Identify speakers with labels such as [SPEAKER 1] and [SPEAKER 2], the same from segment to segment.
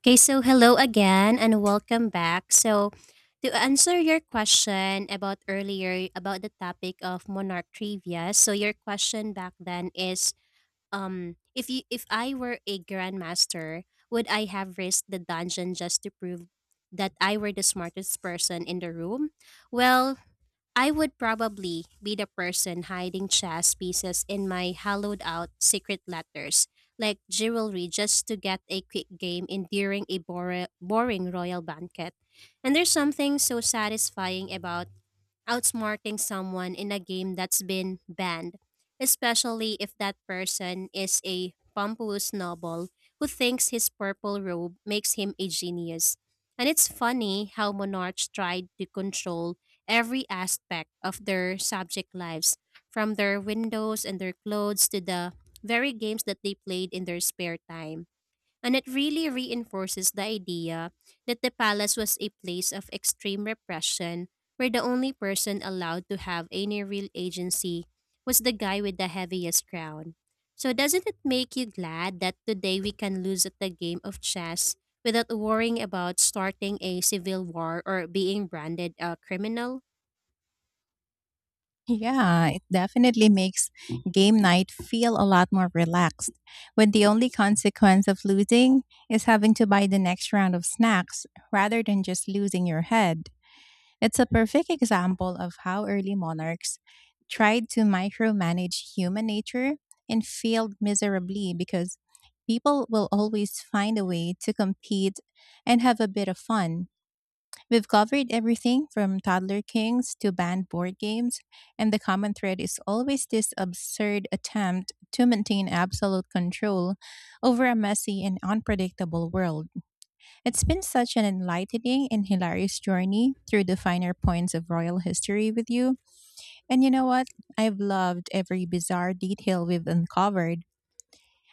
[SPEAKER 1] Okay, so hello again and welcome back. So, to answer your question about earlier about the topic of monarch trivia, so your question back then is if I were a grandmaster, would I have risked the dungeon just to prove that I were the smartest person in the room? Well, I would probably be the person hiding chess pieces in my hollowed out secret letters, like jewelry, just to get a quick game in during a boring royal banquet. And there's something so satisfying about outsmarting someone in a game that's been banned, especially if that person is a pompous noble who thinks his purple robe makes him a genius. And it's funny how monarchs tried to control every aspect of their subject lives, from their windows and their clothes to the very games that they played in their spare time, and it really reinforces the idea that the palace was a place of extreme repression, where the only person allowed to have any real agency was the guy with the heaviest crown. So, doesn't it make you glad that today we can lose at the game of chess without worrying about starting a civil war or being branded a criminal?
[SPEAKER 2] Yeah, it definitely makes game night feel a lot more relaxed when the only consequence of losing is having to buy the next round of snacks rather than just losing your head. It's a perfect example of how early monarchs tried to micromanage human nature and failed miserably because people will always find a way to compete and have a bit of fun. We've covered everything from toddler kings to banned board games, and the common thread is always this absurd attempt to maintain absolute control over a messy and unpredictable world. It's been such an enlightening and hilarious journey through the finer points of royal history with you. And you know what? I've loved every bizarre detail we've uncovered.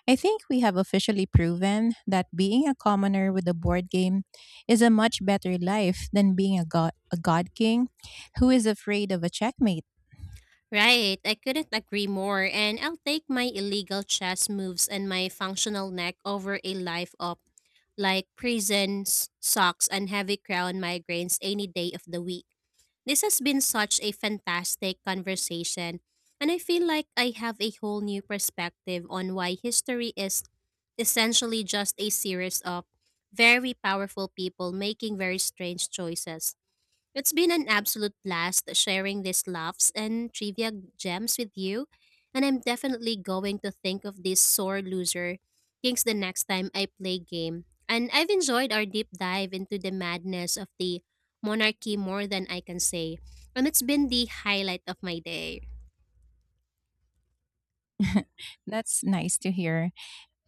[SPEAKER 2] I think we have officially proven that being a commoner with a board game is a much better life than being a god king who is afraid of a checkmate.
[SPEAKER 1] Right, I couldn't agree more, and I'll take my illegal chess moves and my functional neck over a life of, like, prisons, socks, and heavy crown migraines any day of the week. This has been such a fantastic conversation, and I feel like I have a whole new perspective on why history is essentially just a series of very powerful people making very strange choices. It's been an absolute blast sharing these laughs and trivia gems with you, and I'm definitely going to think of this sore loser kings the next time I play game. And I've enjoyed our deep dive into the madness of the monarchy more than I can say, and it's been the highlight of my day.
[SPEAKER 2] That's nice to hear.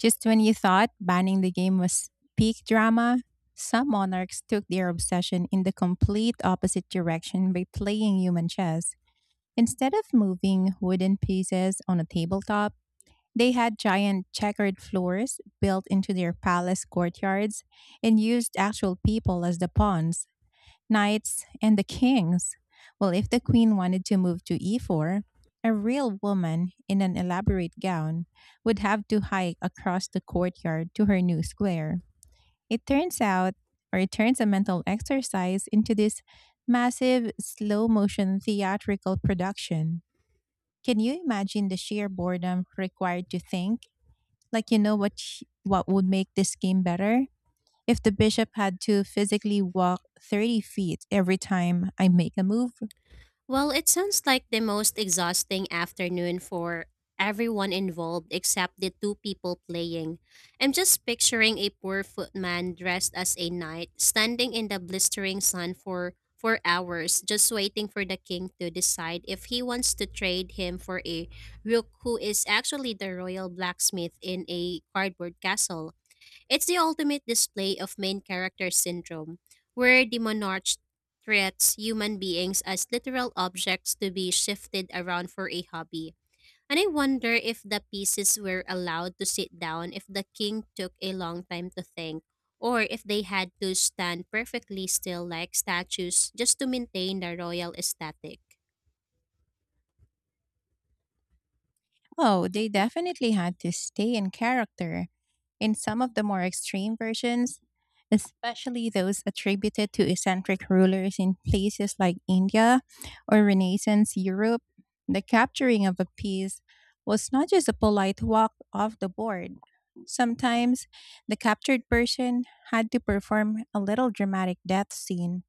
[SPEAKER 2] Just when you thought banning the game was peak drama, some monarchs took their obsession in the complete opposite direction by playing human chess. Instead of moving wooden pieces on a tabletop, they had giant checkered floors built into their palace courtyards and used actual people as the pawns, knights, and the kings. Well, if the queen wanted to move to E4, a real woman in an elaborate gown would have to hike across the courtyard to her new square. It turns out, or it turns a mental exercise into this massive slow motion theatrical production. Can you imagine the sheer boredom required to think like, you know what what would make this game better? If the bishop had to physically walk 30 feet every time I make a move.
[SPEAKER 1] Well, it sounds like the most exhausting afternoon for everyone involved except the two people playing. I'm just picturing a poor footman dressed as a knight standing in the blistering sun for hours, just waiting for the king to decide if he wants to trade him for a rook who is actually the royal blacksmith in a cardboard castle. It's the ultimate display of main character syndrome, where the monarch treats human beings as literal objects to be shifted around for a hobby. And I wonder if the pieces were allowed to sit down if the king took a long time to think, or if they had to stand perfectly still like statues just to maintain the royal aesthetic.
[SPEAKER 2] Oh, they definitely had to stay in character. In some of the more extreme versions, especially those attributed to eccentric rulers in places like India or Renaissance Europe, the capturing of a piece was not just a polite walk off the board. Sometimes the captured person had to perform a little dramatic death scene,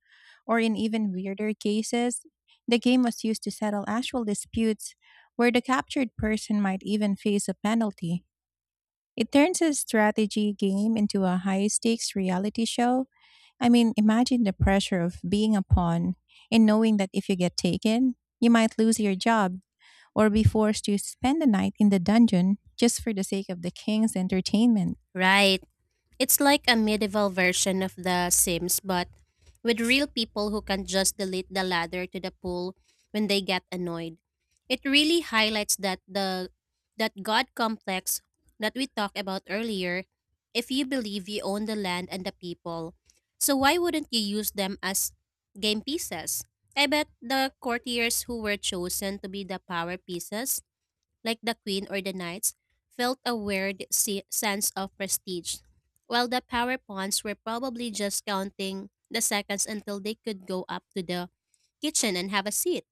[SPEAKER 2] or in even weirder cases, the game was used to settle actual disputes where the captured person might even face a penalty. It turns a strategy game into a high stakes reality show. I mean, imagine the pressure of being a pawn and knowing that if you get taken, you might lose your job or be forced to spend the night in the dungeon just for the sake of the king's entertainment.
[SPEAKER 1] Right. It's like a medieval version of The Sims, but with real people who can just delete the ladder to the pool when they get annoyed. It really highlights that God complex that we talked about earlier. If you believe you own the land and the people, so why wouldn't you use them as game pieces? I bet the courtiers who were chosen to be the power pieces, like the queen or the knights, felt a weird sense of prestige, while the power pawns were probably just counting the seconds until they could go up to the kitchen and have a seat.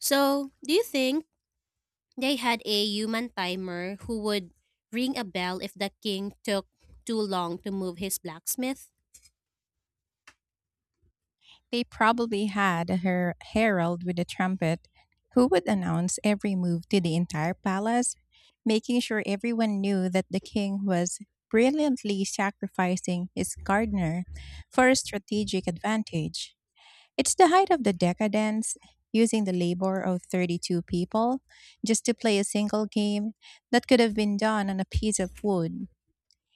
[SPEAKER 1] So, do you think they had a human timer who would ring a bell if the king took too long to move his blacksmith?
[SPEAKER 2] They probably had a herald with a trumpet who would announce every move to the entire palace, making sure everyone knew that the king was brilliantly sacrificing his gardener for a strategic advantage. It's the height of the decadence, using the labor of 32 people just to play a single game that could have been done on a piece of wood.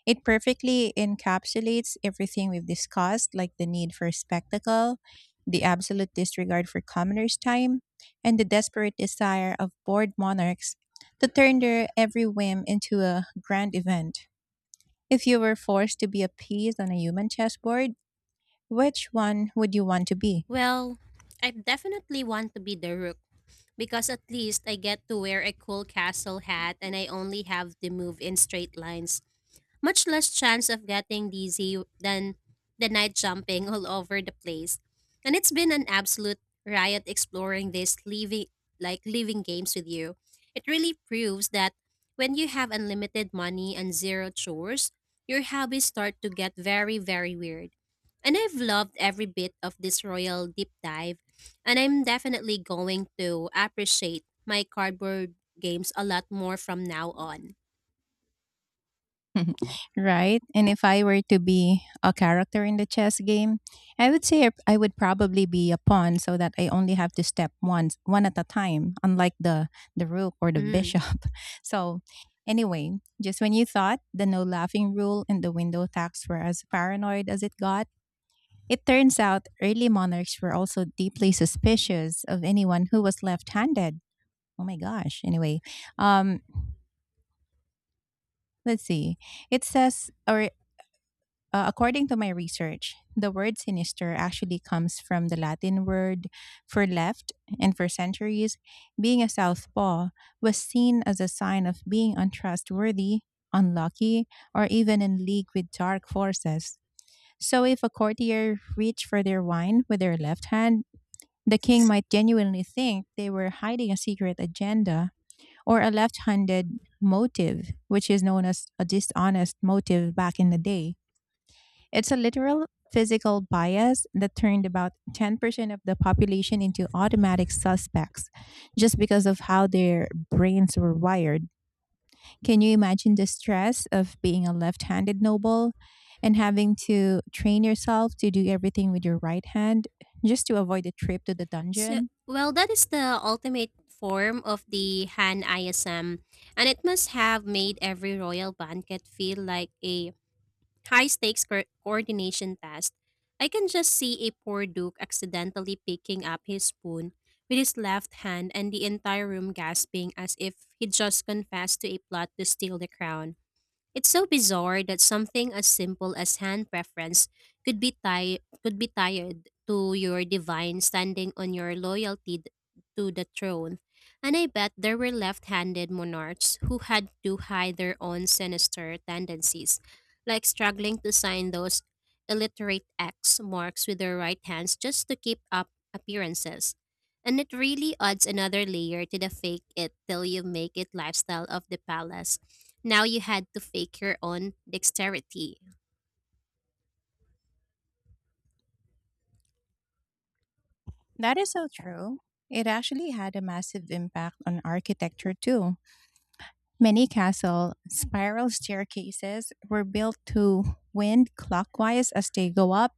[SPEAKER 2] It perfectly encapsulates everything we've discussed, like the need for spectacle, the absolute disregard for commoners' time, and the desperate desire of bored monarchs to turn their every whim into a grand event. If you were forced to be a piece on a human chessboard, which one would you want to be?
[SPEAKER 1] Well, I definitely want to be the rook, because at least I get to wear a cool castle hat and I only have to move in straight lines, much less chance of getting dizzy than the night jumping all over the place. And it's been an absolute riot exploring these living games with you. It really proves that when you have unlimited money and zero chores, your hobbies start to get very, very weird. And I've loved every bit of this royal deep dive, and I'm definitely going to appreciate my cardboard games a lot more from now on.
[SPEAKER 2] Right? And if I were to be a character in the chess game, I would say I would probably be a pawn so that I only have to step once, one at a time, unlike the rook or the
[SPEAKER 1] Mm.
[SPEAKER 2] bishop. So, anyway, just when you thought the no laughing rule and the window tax were as paranoid as it got, it turns out early monarchs were also deeply suspicious of anyone who was left-handed. Oh my gosh. Anyway, um let's see, it says, or according to my research, the word sinister actually comes from the Latin word for left, and for centuries, being a southpaw was seen as a sign of being untrustworthy, unlucky, or even in league with dark forces. So, if a courtier reached for their wine with their left hand, the king might genuinely think they were hiding a secret agenda or a left handed motive, which is known as a dishonest motive back in the day. It's a literal physical bias that turned about 10% of the population into automatic suspects just because of how their brains were wired. Can you imagine the stress of being a left handed noble and having to train yourself to do everything with your right hand just to avoid a trip to the
[SPEAKER 1] So,
[SPEAKER 2] dungeon?
[SPEAKER 1] well, that is the ultimate form of the Han ISM, and it must have made every royal banquet feel like a high stakes coordination test. I can just see a poor Duke accidentally picking up his spoon with his left hand and the entire room gasping as if he just confessed to a plot to steal the crown. It's so bizarre that something as simple as hand preference could be tied to your divine standing on your loyalty to the throne. And I bet there were left-handed monarchs who had to hide their own sinister tendencies, like struggling to sign those illiterate X marks with their right hands just to keep up appearances. And it really adds another layer to the fake it till you make it lifestyle of the palace. Now you had to fake your own dexterity.
[SPEAKER 2] That is so true. It actually had a massive impact on architecture too. Many castle spiral staircases were built to wind clockwise as they go up,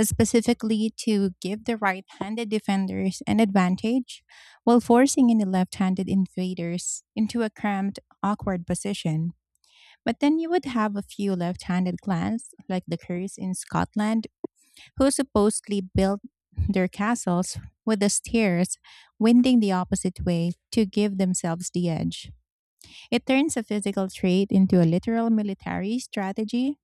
[SPEAKER 2] specifically to give the right handed defenders an advantage while forcing any left handed invaders into a cramped, awkward position. But then you would have a few left handed clans, like the Kerrs in Scotland, who supposedly built their castles with the stairs winding the opposite way to give themselves the edge. It turns a physical trait into a literal military strategy,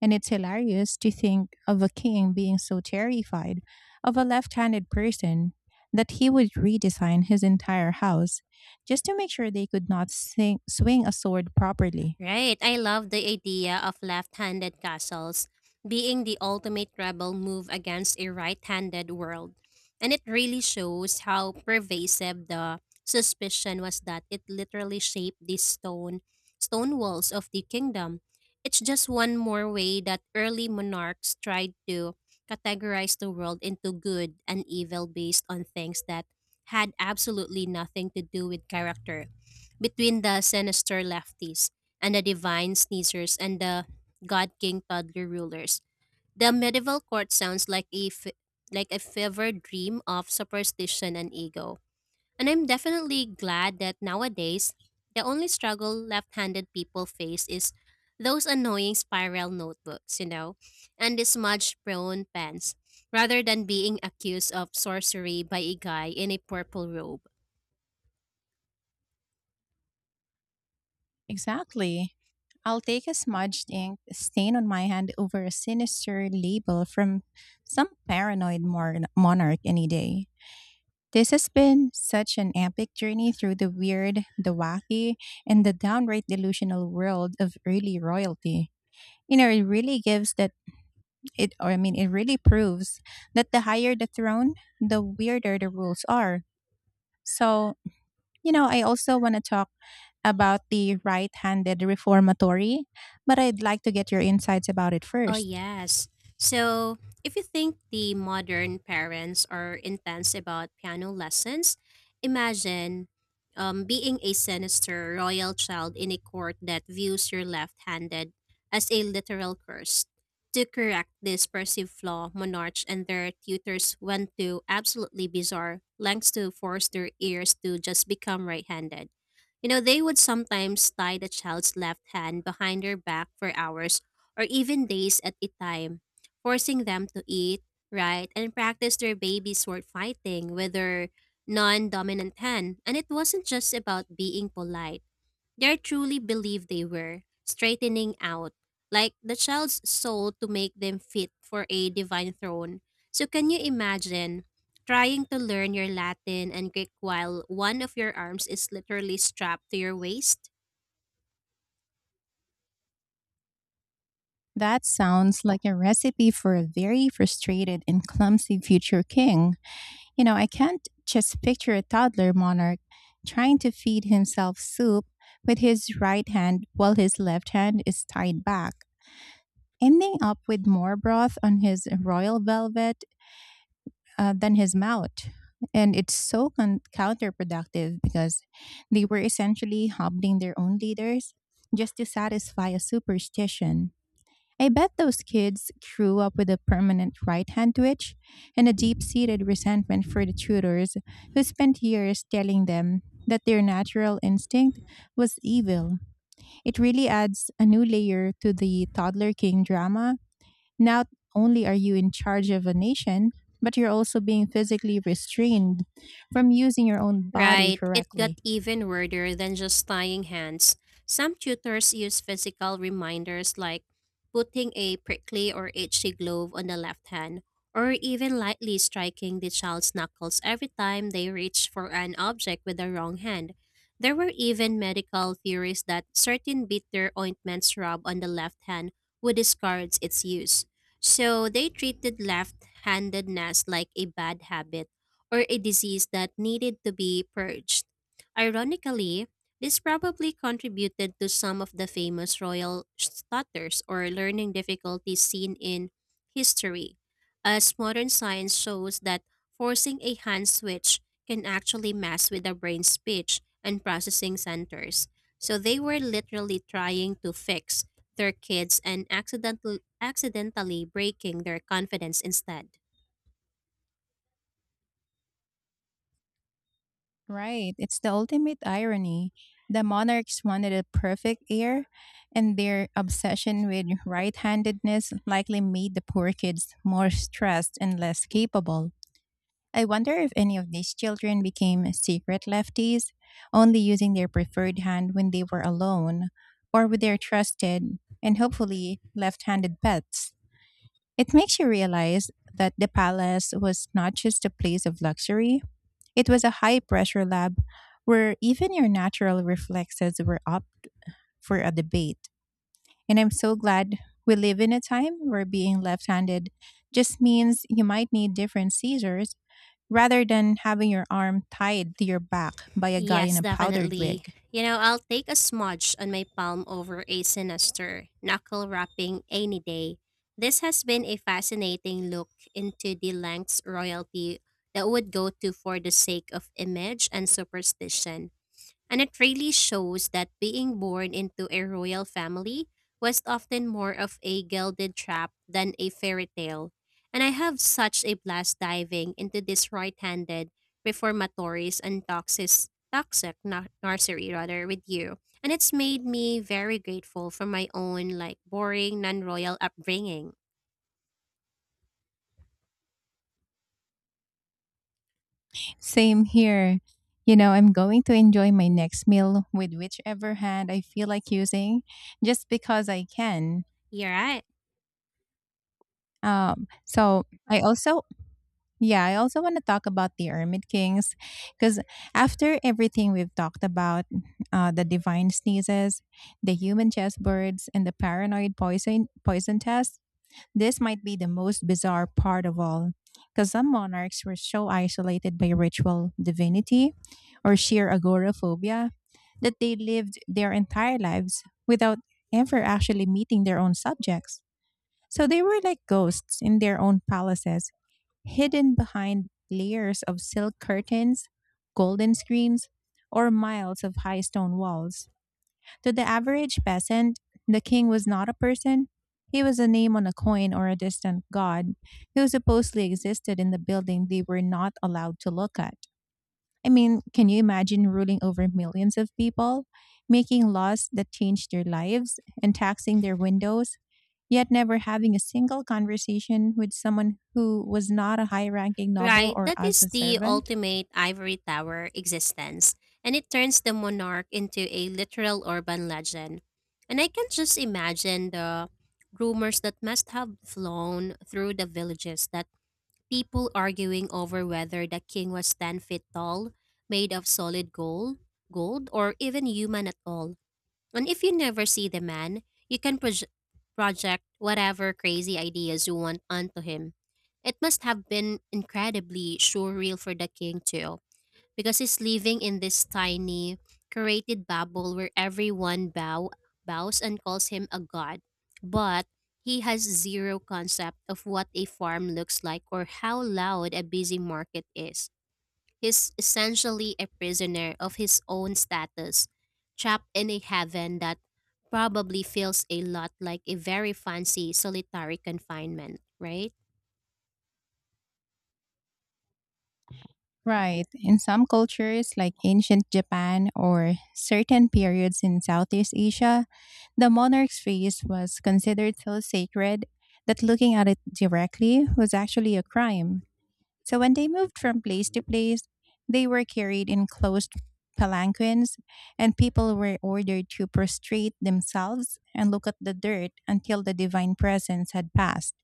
[SPEAKER 2] and it's hilarious to think of a king being so terrified of a left handed person that he would redesign his entire house just to make sure they could not swing a sword properly.
[SPEAKER 1] Right. I love the idea of left handed castles being the ultimate rebel move against a right handed world. And it really shows how pervasive the suspicion was that it literally shaped the stone walls of the kingdom. It's just one more way that early monarchs tried to categorize the world into good and evil based on things that had absolutely nothing to do with character. Between the sinister lefties and the divine sneezers and the god king toddler rulers, the medieval court sounds like a fever dream of superstition and ego. And I'm definitely glad that nowadays the only struggle left-handed people face is those annoying spiral notebooks, and the smudge-prone pens, rather than being accused of sorcery by a guy in a purple robe.
[SPEAKER 2] Exactly. I'll take a smudged ink stain on my hand over a sinister label from some paranoid monarch any day. This has been such an epic journey through the weird, the wacky, and the downright delusional world of early royalty. You know, it really gives that, it, or I mean, it really proves that the higher the throne, the weirder the rules are. So, you know, I also want to talk about the right handed reformatory, but I'd like to get your insights about it
[SPEAKER 1] Oh,
[SPEAKER 2] first.
[SPEAKER 1] yes. So, if you think the modern parents are intense about piano lessons, imagine, being a sinister royal child in a court that views your left handed as a literal curse. To correct this perceived flaw, monarchs and their tutors went to absolutely bizarre lengths to force their ears to just become right handed. You know, they would sometimes tie the child's left hand behind their back for hours or even days at a time, forcing them to eat, right, and practice their baby's sword fighting with their non dominant hand. And it wasn't just about being polite, they truly believed they were straightening out, like, the child's soul to make them fit for a divine throne. So, can you imagine? Trying to learn your Latin and Greek while one of your arms is literally strapped to your waist?
[SPEAKER 2] That sounds like a recipe for a very frustrated and clumsy future king. You know, I can't just picture a toddler monarch trying to feed himself soup with his right hand while his left hand is tied back, ending up with more broth on his royal velvet, than his mouth. And it's so counterproductive because they were essentially hobbling their own leaders just to satisfy a superstition. I bet those kids grew up with a permanent right hand twitch and a deep seated resentment for the tutors who spent years telling them that their natural instinct was evil. It really adds a new layer to the toddler king drama. Not only are you in charge of a nation, but you're also being physically restrained from using your own body
[SPEAKER 1] Right, it got
[SPEAKER 2] correctly.
[SPEAKER 1] even weirder than just tying hands. Some tutors use physical reminders like putting a prickly or itchy glove on the left hand, or even lightly striking the child's knuckles every time they reach for an object with the wrong hand. There were even medical theories that certain bitter ointments rubbed on the left hand would discourage its use. So they treated left handedness like a bad habit or a disease that needed to be purged. Ironically, this probably contributed to some of the famous royal stutters or learning difficulties seen in history, as modern science shows that forcing a hand switch can actually mess with the brain's speech and processing centers. So they were literally trying to fix their kids and accidentally breaking their confidence instead.
[SPEAKER 2] Right. It's the ultimate irony. The monarchs wanted a perfect heir, and their obsession with right handedness likely made the poor kids more stressed and less capable. I wonder if any of these children became secret lefties, only using their preferred hand when they were alone or with their trusted and hopefully left handed pets. It makes you realize that the palace was not just a place of luxury, it was a high pressure lab where even your natural reflexes were up for a debate. And I'm so glad we live in a time where being left handed just means you might need different scissors rather than having your arm tied to your back by a guy in
[SPEAKER 1] Yes,
[SPEAKER 2] a powdered wig.
[SPEAKER 1] definitely. You know, I'll take a smudge on my palm over a sinister knuckle wrapping any day. This has been a fascinating look into the lengths royalty that would go to for the sake of image and superstition, and it really shows that being born into a royal family was often more of a gilded trap than a fairy tale. And I have such a blast diving into this right-handed reformatories and toxic nursery rather with you. And it's made me very grateful for my own, like, boring non-royal upbringing.
[SPEAKER 2] Same here. You know, I'm going to enjoy my next meal with whichever hand I feel like using just because I can.
[SPEAKER 1] You're right.
[SPEAKER 2] So I also Yeah, I also want to talk about the Ermit Kings, because after everything we've talked about, the divine sneezes, the human chessboards, and the paranoid poison test, this might be the most bizarre part of all, because some monarchs were so isolated by ritual divinity or sheer agoraphobia that they lived their entire lives without ever actually meeting their own subjects. So they were like ghosts in their own palaces, hidden behind layers of silk curtains, golden screens, or miles of high stone walls. To the average peasant, the king was not a person. He was a name on a coin or a distant god who supposedly existed in the building they were not allowed to look at. I mean, can you imagine ruling over millions of people, making laws that changed their lives, and taxing their windows, yet never having a single conversation with someone who was not a high ranking noble
[SPEAKER 1] Right,
[SPEAKER 2] or
[SPEAKER 1] that
[SPEAKER 2] as
[SPEAKER 1] is
[SPEAKER 2] a
[SPEAKER 1] the
[SPEAKER 2] servant.
[SPEAKER 1] ultimate ivory tower existence, and it turns the monarch into a literal urban legend. And I can just imagine the rumors that must have flown through the villages, that people arguing over whether the king was 10 feet tall, made of solid gold or even human at all. And if you never see the man, you can project whatever crazy ideas you want onto him. It must have been incredibly surreal for the king, too, because he's living in this tiny, curated bubble where everyone bows and calls him a god. But he has zero concept of what a farm looks like or how loud a busy market is. He's essentially a prisoner of his own status, trapped in a heaven that probably feels a lot like a very fancy solitary confinement, right?
[SPEAKER 2] Right. In some cultures, like ancient Japan or certain periods in Southeast Asia, the monarch's face was considered so sacred that looking at it directly was actually a crime. So when they moved from place to place, they were carried in closed palanquins, and people were ordered to prostrate themselves and look at the dirt until the divine presence had passed.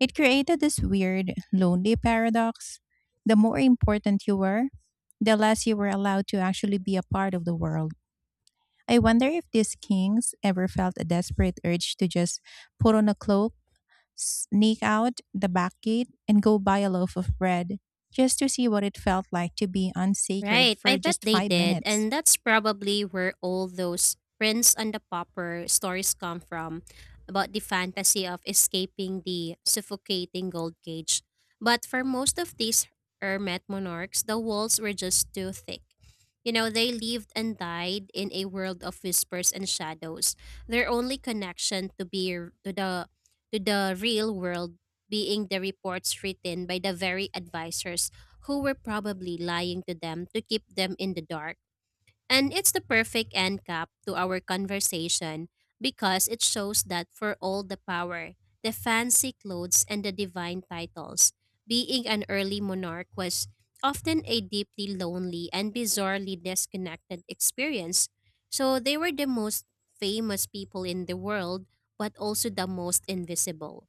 [SPEAKER 2] It created this weird, lonely paradox. The more important you were, the less you were allowed to actually be a part of the world. I wonder if these kings ever felt a desperate urge to just put on a cloak, sneak out the back gate, and go buy a loaf of bread just to see what it felt like to be unsacred
[SPEAKER 1] Right, I
[SPEAKER 2] for
[SPEAKER 1] bet
[SPEAKER 2] just
[SPEAKER 1] they
[SPEAKER 2] five
[SPEAKER 1] did,
[SPEAKER 2] minutes.
[SPEAKER 1] and that's probably where all those Prince and the Pauper stories come from about the fantasy of escaping the suffocating gold cage. But for most of these hermit monarchs, the walls were just too thick. You know, they lived and died in a world of whispers and shadows. Their only connection to the real world being the reports written by the very advisors who were probably lying to them to keep them in the dark. And it's the perfect end cap to our conversation because it shows that for all the power, the fancy clothes, and the divine titles, being an early monarch was often a deeply lonely and bizarrely disconnected experience. So they were the most famous people in the world, but also the most invisible.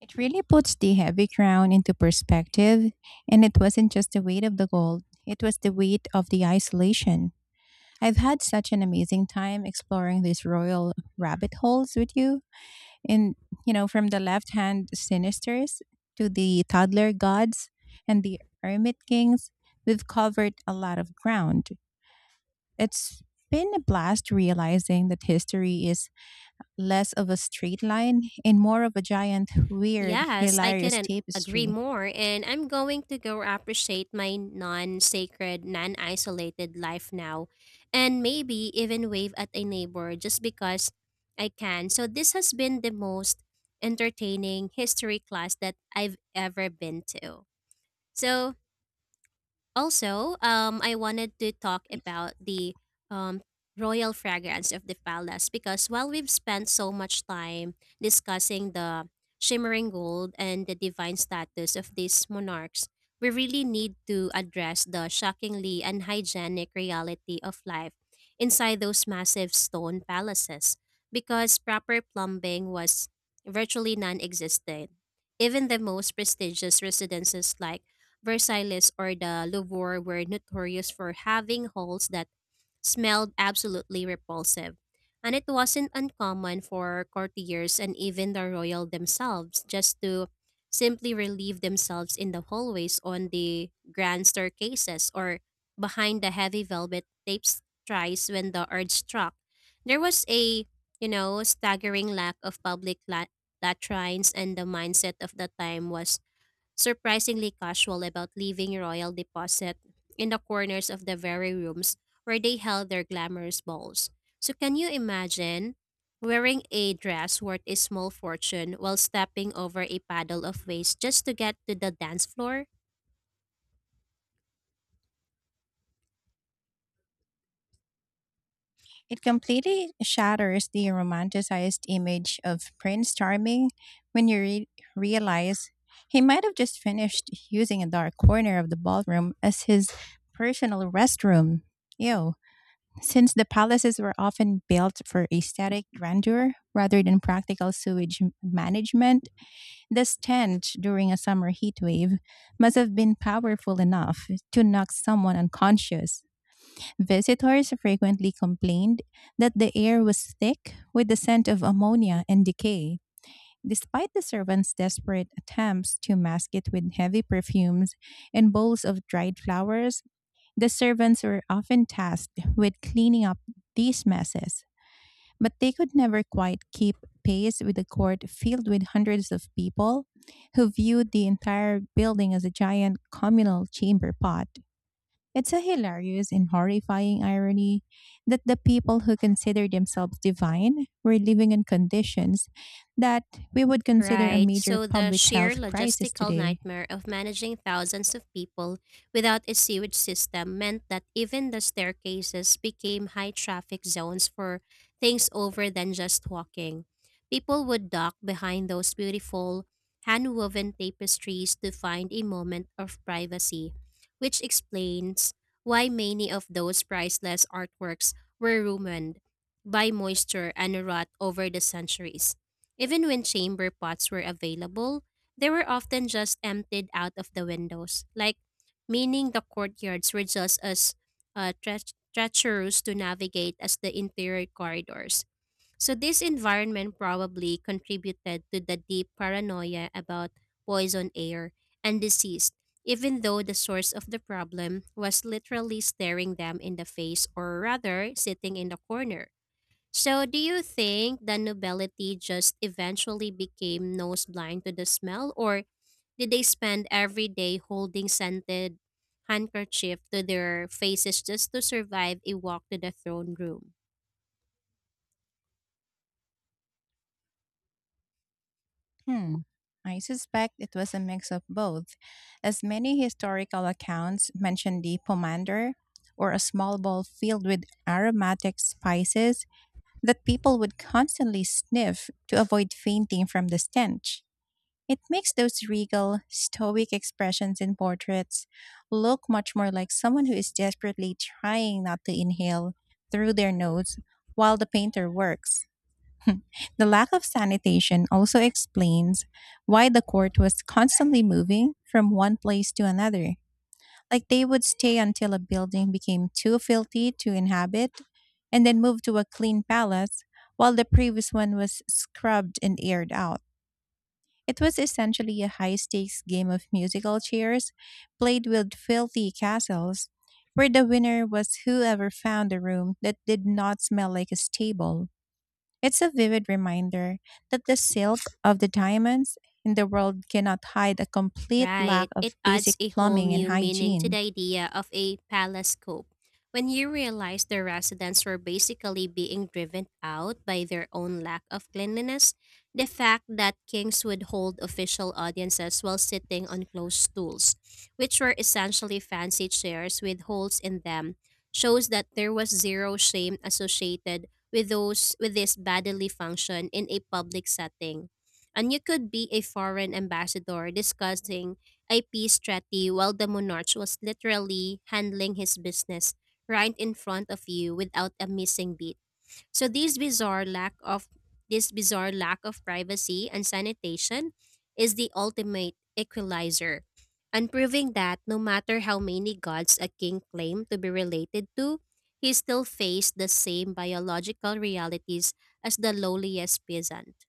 [SPEAKER 2] It really puts the heavy crown into perspective, and it wasn't just the weight of the gold, it was the weight of the isolation. I've had such an amazing time exploring these royal rabbit holes with you. And, from the left hand sinisters to the toddler gods and the hermit kings, we've covered a lot of ground. It's been a blast realizing that history is less of a straight line and more of a giant, weird,
[SPEAKER 1] Yes, I
[SPEAKER 2] hilarious
[SPEAKER 1] couldn't agree
[SPEAKER 2] tapestry.
[SPEAKER 1] more, and I'm going to go appreciate my non sacred, non isolated life now, and maybe even wave at a neighbor just because I can. So, this has been the most entertaining history class that I've ever been to. So, also, I wanted to talk about the um, royal fragrance of the palace, because while we've spent so much time discussing the shimmering gold and the divine status of these monarchs, we really need to address the shockingly unhygienic reality of life inside those massive stone palaces, because proper plumbing was virtually non existent. Even the most prestigious residences like Versailles or the Louvre were notorious for having halls that smelled absolutely repulsive. And it wasn't uncommon for courtiers and even the royal themselves just to simply relieve themselves in the hallways, on the grand staircases, or behind the heavy velvet tapestries when the urge struck. There was a, you know, staggering lack of public latrines, and the mindset of the time was surprisingly casual about leaving royal deposit in the corners of the very rooms where they held their glamorous balls. So can you imagine wearing a dress worth a small fortune while stepping over a paddle of waste just to get to the dance floor?
[SPEAKER 2] It completely shatters the romanticized image of Prince Charming when you realize he might have just finished using a dark corner of the ballroom as his personal restroom. Ew. Since the palaces were often built for aesthetic grandeur rather than practical sewage management, the stench during a summer heat wave must have been powerful enough to knock someone unconscious. Visitors frequently complained that the air was thick with the scent of ammonia and decay. Despite the servants' desperate attempts to mask it with heavy perfumes and bowls of dried flowers, the servants were often tasked with cleaning up these messes. But they could never quite keep pace with a court filled with hundreds of people who viewed the entire building as a giant communal chamber pot. It's a hilarious and horrifying irony that the people who consider themselves divine were living in conditions that we would consider a
[SPEAKER 1] Right.
[SPEAKER 2] major
[SPEAKER 1] So the
[SPEAKER 2] public
[SPEAKER 1] sheer
[SPEAKER 2] health crisis
[SPEAKER 1] logistical
[SPEAKER 2] today.
[SPEAKER 1] nightmare of managing thousands of people without a sewage system meant that even the staircases became high traffic zones for things over than just walking. People would duck behind those beautiful hand woven tapestries to find a moment of privacy, which explains why many of those priceless artworks were ruined by moisture and rot over the centuries. Even when chamber pots were available, they were often just emptied out of the windows, like, meaning the courtyards were just as treacherous to navigate as the interior corridors. So this environment probably contributed to the deep paranoia about poison air and disease, even though the source of the problem was literally staring them in the face, or rather sitting in the corner. So, do you think the nobility just eventually became nose blind to the smell, or did they spend every day holding scented handkerchief to their faces just to survive a walk to the throne room?
[SPEAKER 2] Hmm. I suspect it was a mix of both, as many historical accounts mention the pomander, or a small ball filled with aromatic spices that people would constantly sniff to avoid fainting from the stench. It makes those regal, stoic expressions in portraits look much more like someone who is desperately trying not to inhale through their nose while the painter works. The lack of sanitation also explains why the court was constantly moving from one place to another. Like, they would stay until a building became too filthy to inhabit, and then move to a clean palace while the previous one was scrubbed and aired out. It was essentially a high stakes game of musical chairs played with filthy castles, where the winner was whoever found a room that did not smell like a stable. It's a vivid reminder that the silk of the diamonds in the world cannot hide a complete
[SPEAKER 1] Right.
[SPEAKER 2] lack
[SPEAKER 1] It
[SPEAKER 2] of basic
[SPEAKER 1] adds a whole
[SPEAKER 2] plumbing and
[SPEAKER 1] new meaning to the
[SPEAKER 2] hygiene.
[SPEAKER 1] idea of a palace coup. When you realize the residents were basically being driven out by their own lack of cleanliness, the fact that kings would hold official audiences while sitting on closed stools, which were essentially fancy chairs with holes in them, shows that there was zero shame associated with those with this bodily function in a public setting. And you could be a foreign ambassador discussing a peace treaty while the monarch was literally handling his business right in front of you without a missing beat. So this bizarre lack of privacy and sanitation is the ultimate equalizer. And proving that no matter how many gods a king claimed to be related to, he still faced the same biological realities as the lowliest peasant.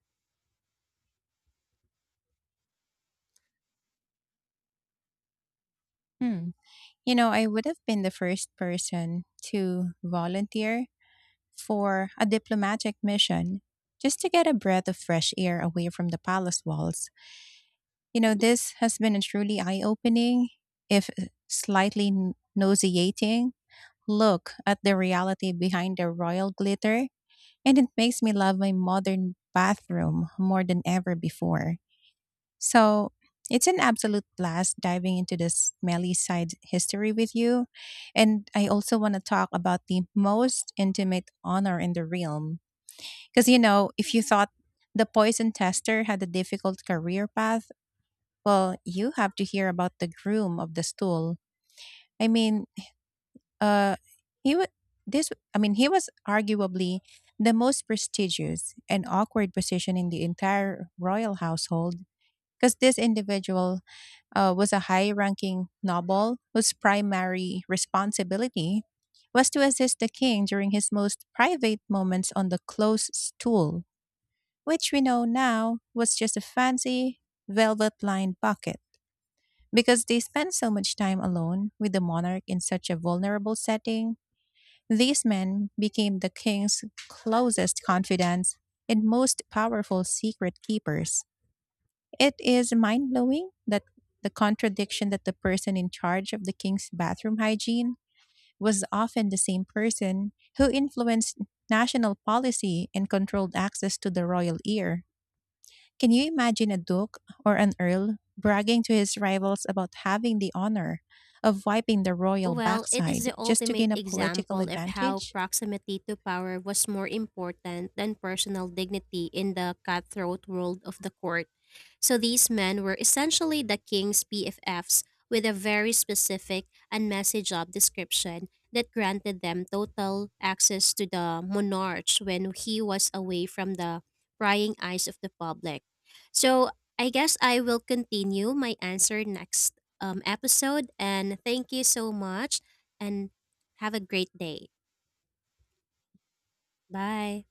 [SPEAKER 2] Hmm. I would have been the first person to volunteer for a diplomatic mission just to get a breath of fresh air away from the palace walls. This has been a truly eye opening, if slightly nauseating, look at the reality behind the royal glitter, and it makes me love my modern bathroom more than ever before. So it's an absolute blast diving into the smelly side history with you. And I also want to talk about the most intimate honor in the realm. Because, if you thought the poison tester had a difficult career path, well, you have to hear about the groom of the stool. I mean, uh, he was this. I mean, he was arguably the most prestigious and awkward position in the entire royal household, because this individual was a high-ranking noble whose primary responsibility was to assist the king during his most private moments on the close stool, which we know now was just a fancy velvet-lined bucket. Because they spent so much time alone with the monarch in such a vulnerable setting, these men became the king's closest confidants and most powerful secret keepers. It is mind blowing, that the contradiction that the person in charge of the king's bathroom hygiene was often the same person who influenced national policy and controlled access to the royal ear. Can you imagine a duke or an earl bragging to his rivals about having the honor of wiping the royal
[SPEAKER 1] Well, it is
[SPEAKER 2] backside
[SPEAKER 1] the
[SPEAKER 2] just to
[SPEAKER 1] ultimate
[SPEAKER 2] gain a political
[SPEAKER 1] example of how
[SPEAKER 2] advantage?
[SPEAKER 1] proximity to power was more important than personal dignity in the cutthroat world of the court. So these men were essentially the king's PFFs, with a very specific and messy job description that granted them total access to the monarch when he was away from the prying eyes of the public. So I guess I will continue my answer next episode. And thank you so much, and have a great day. Bye.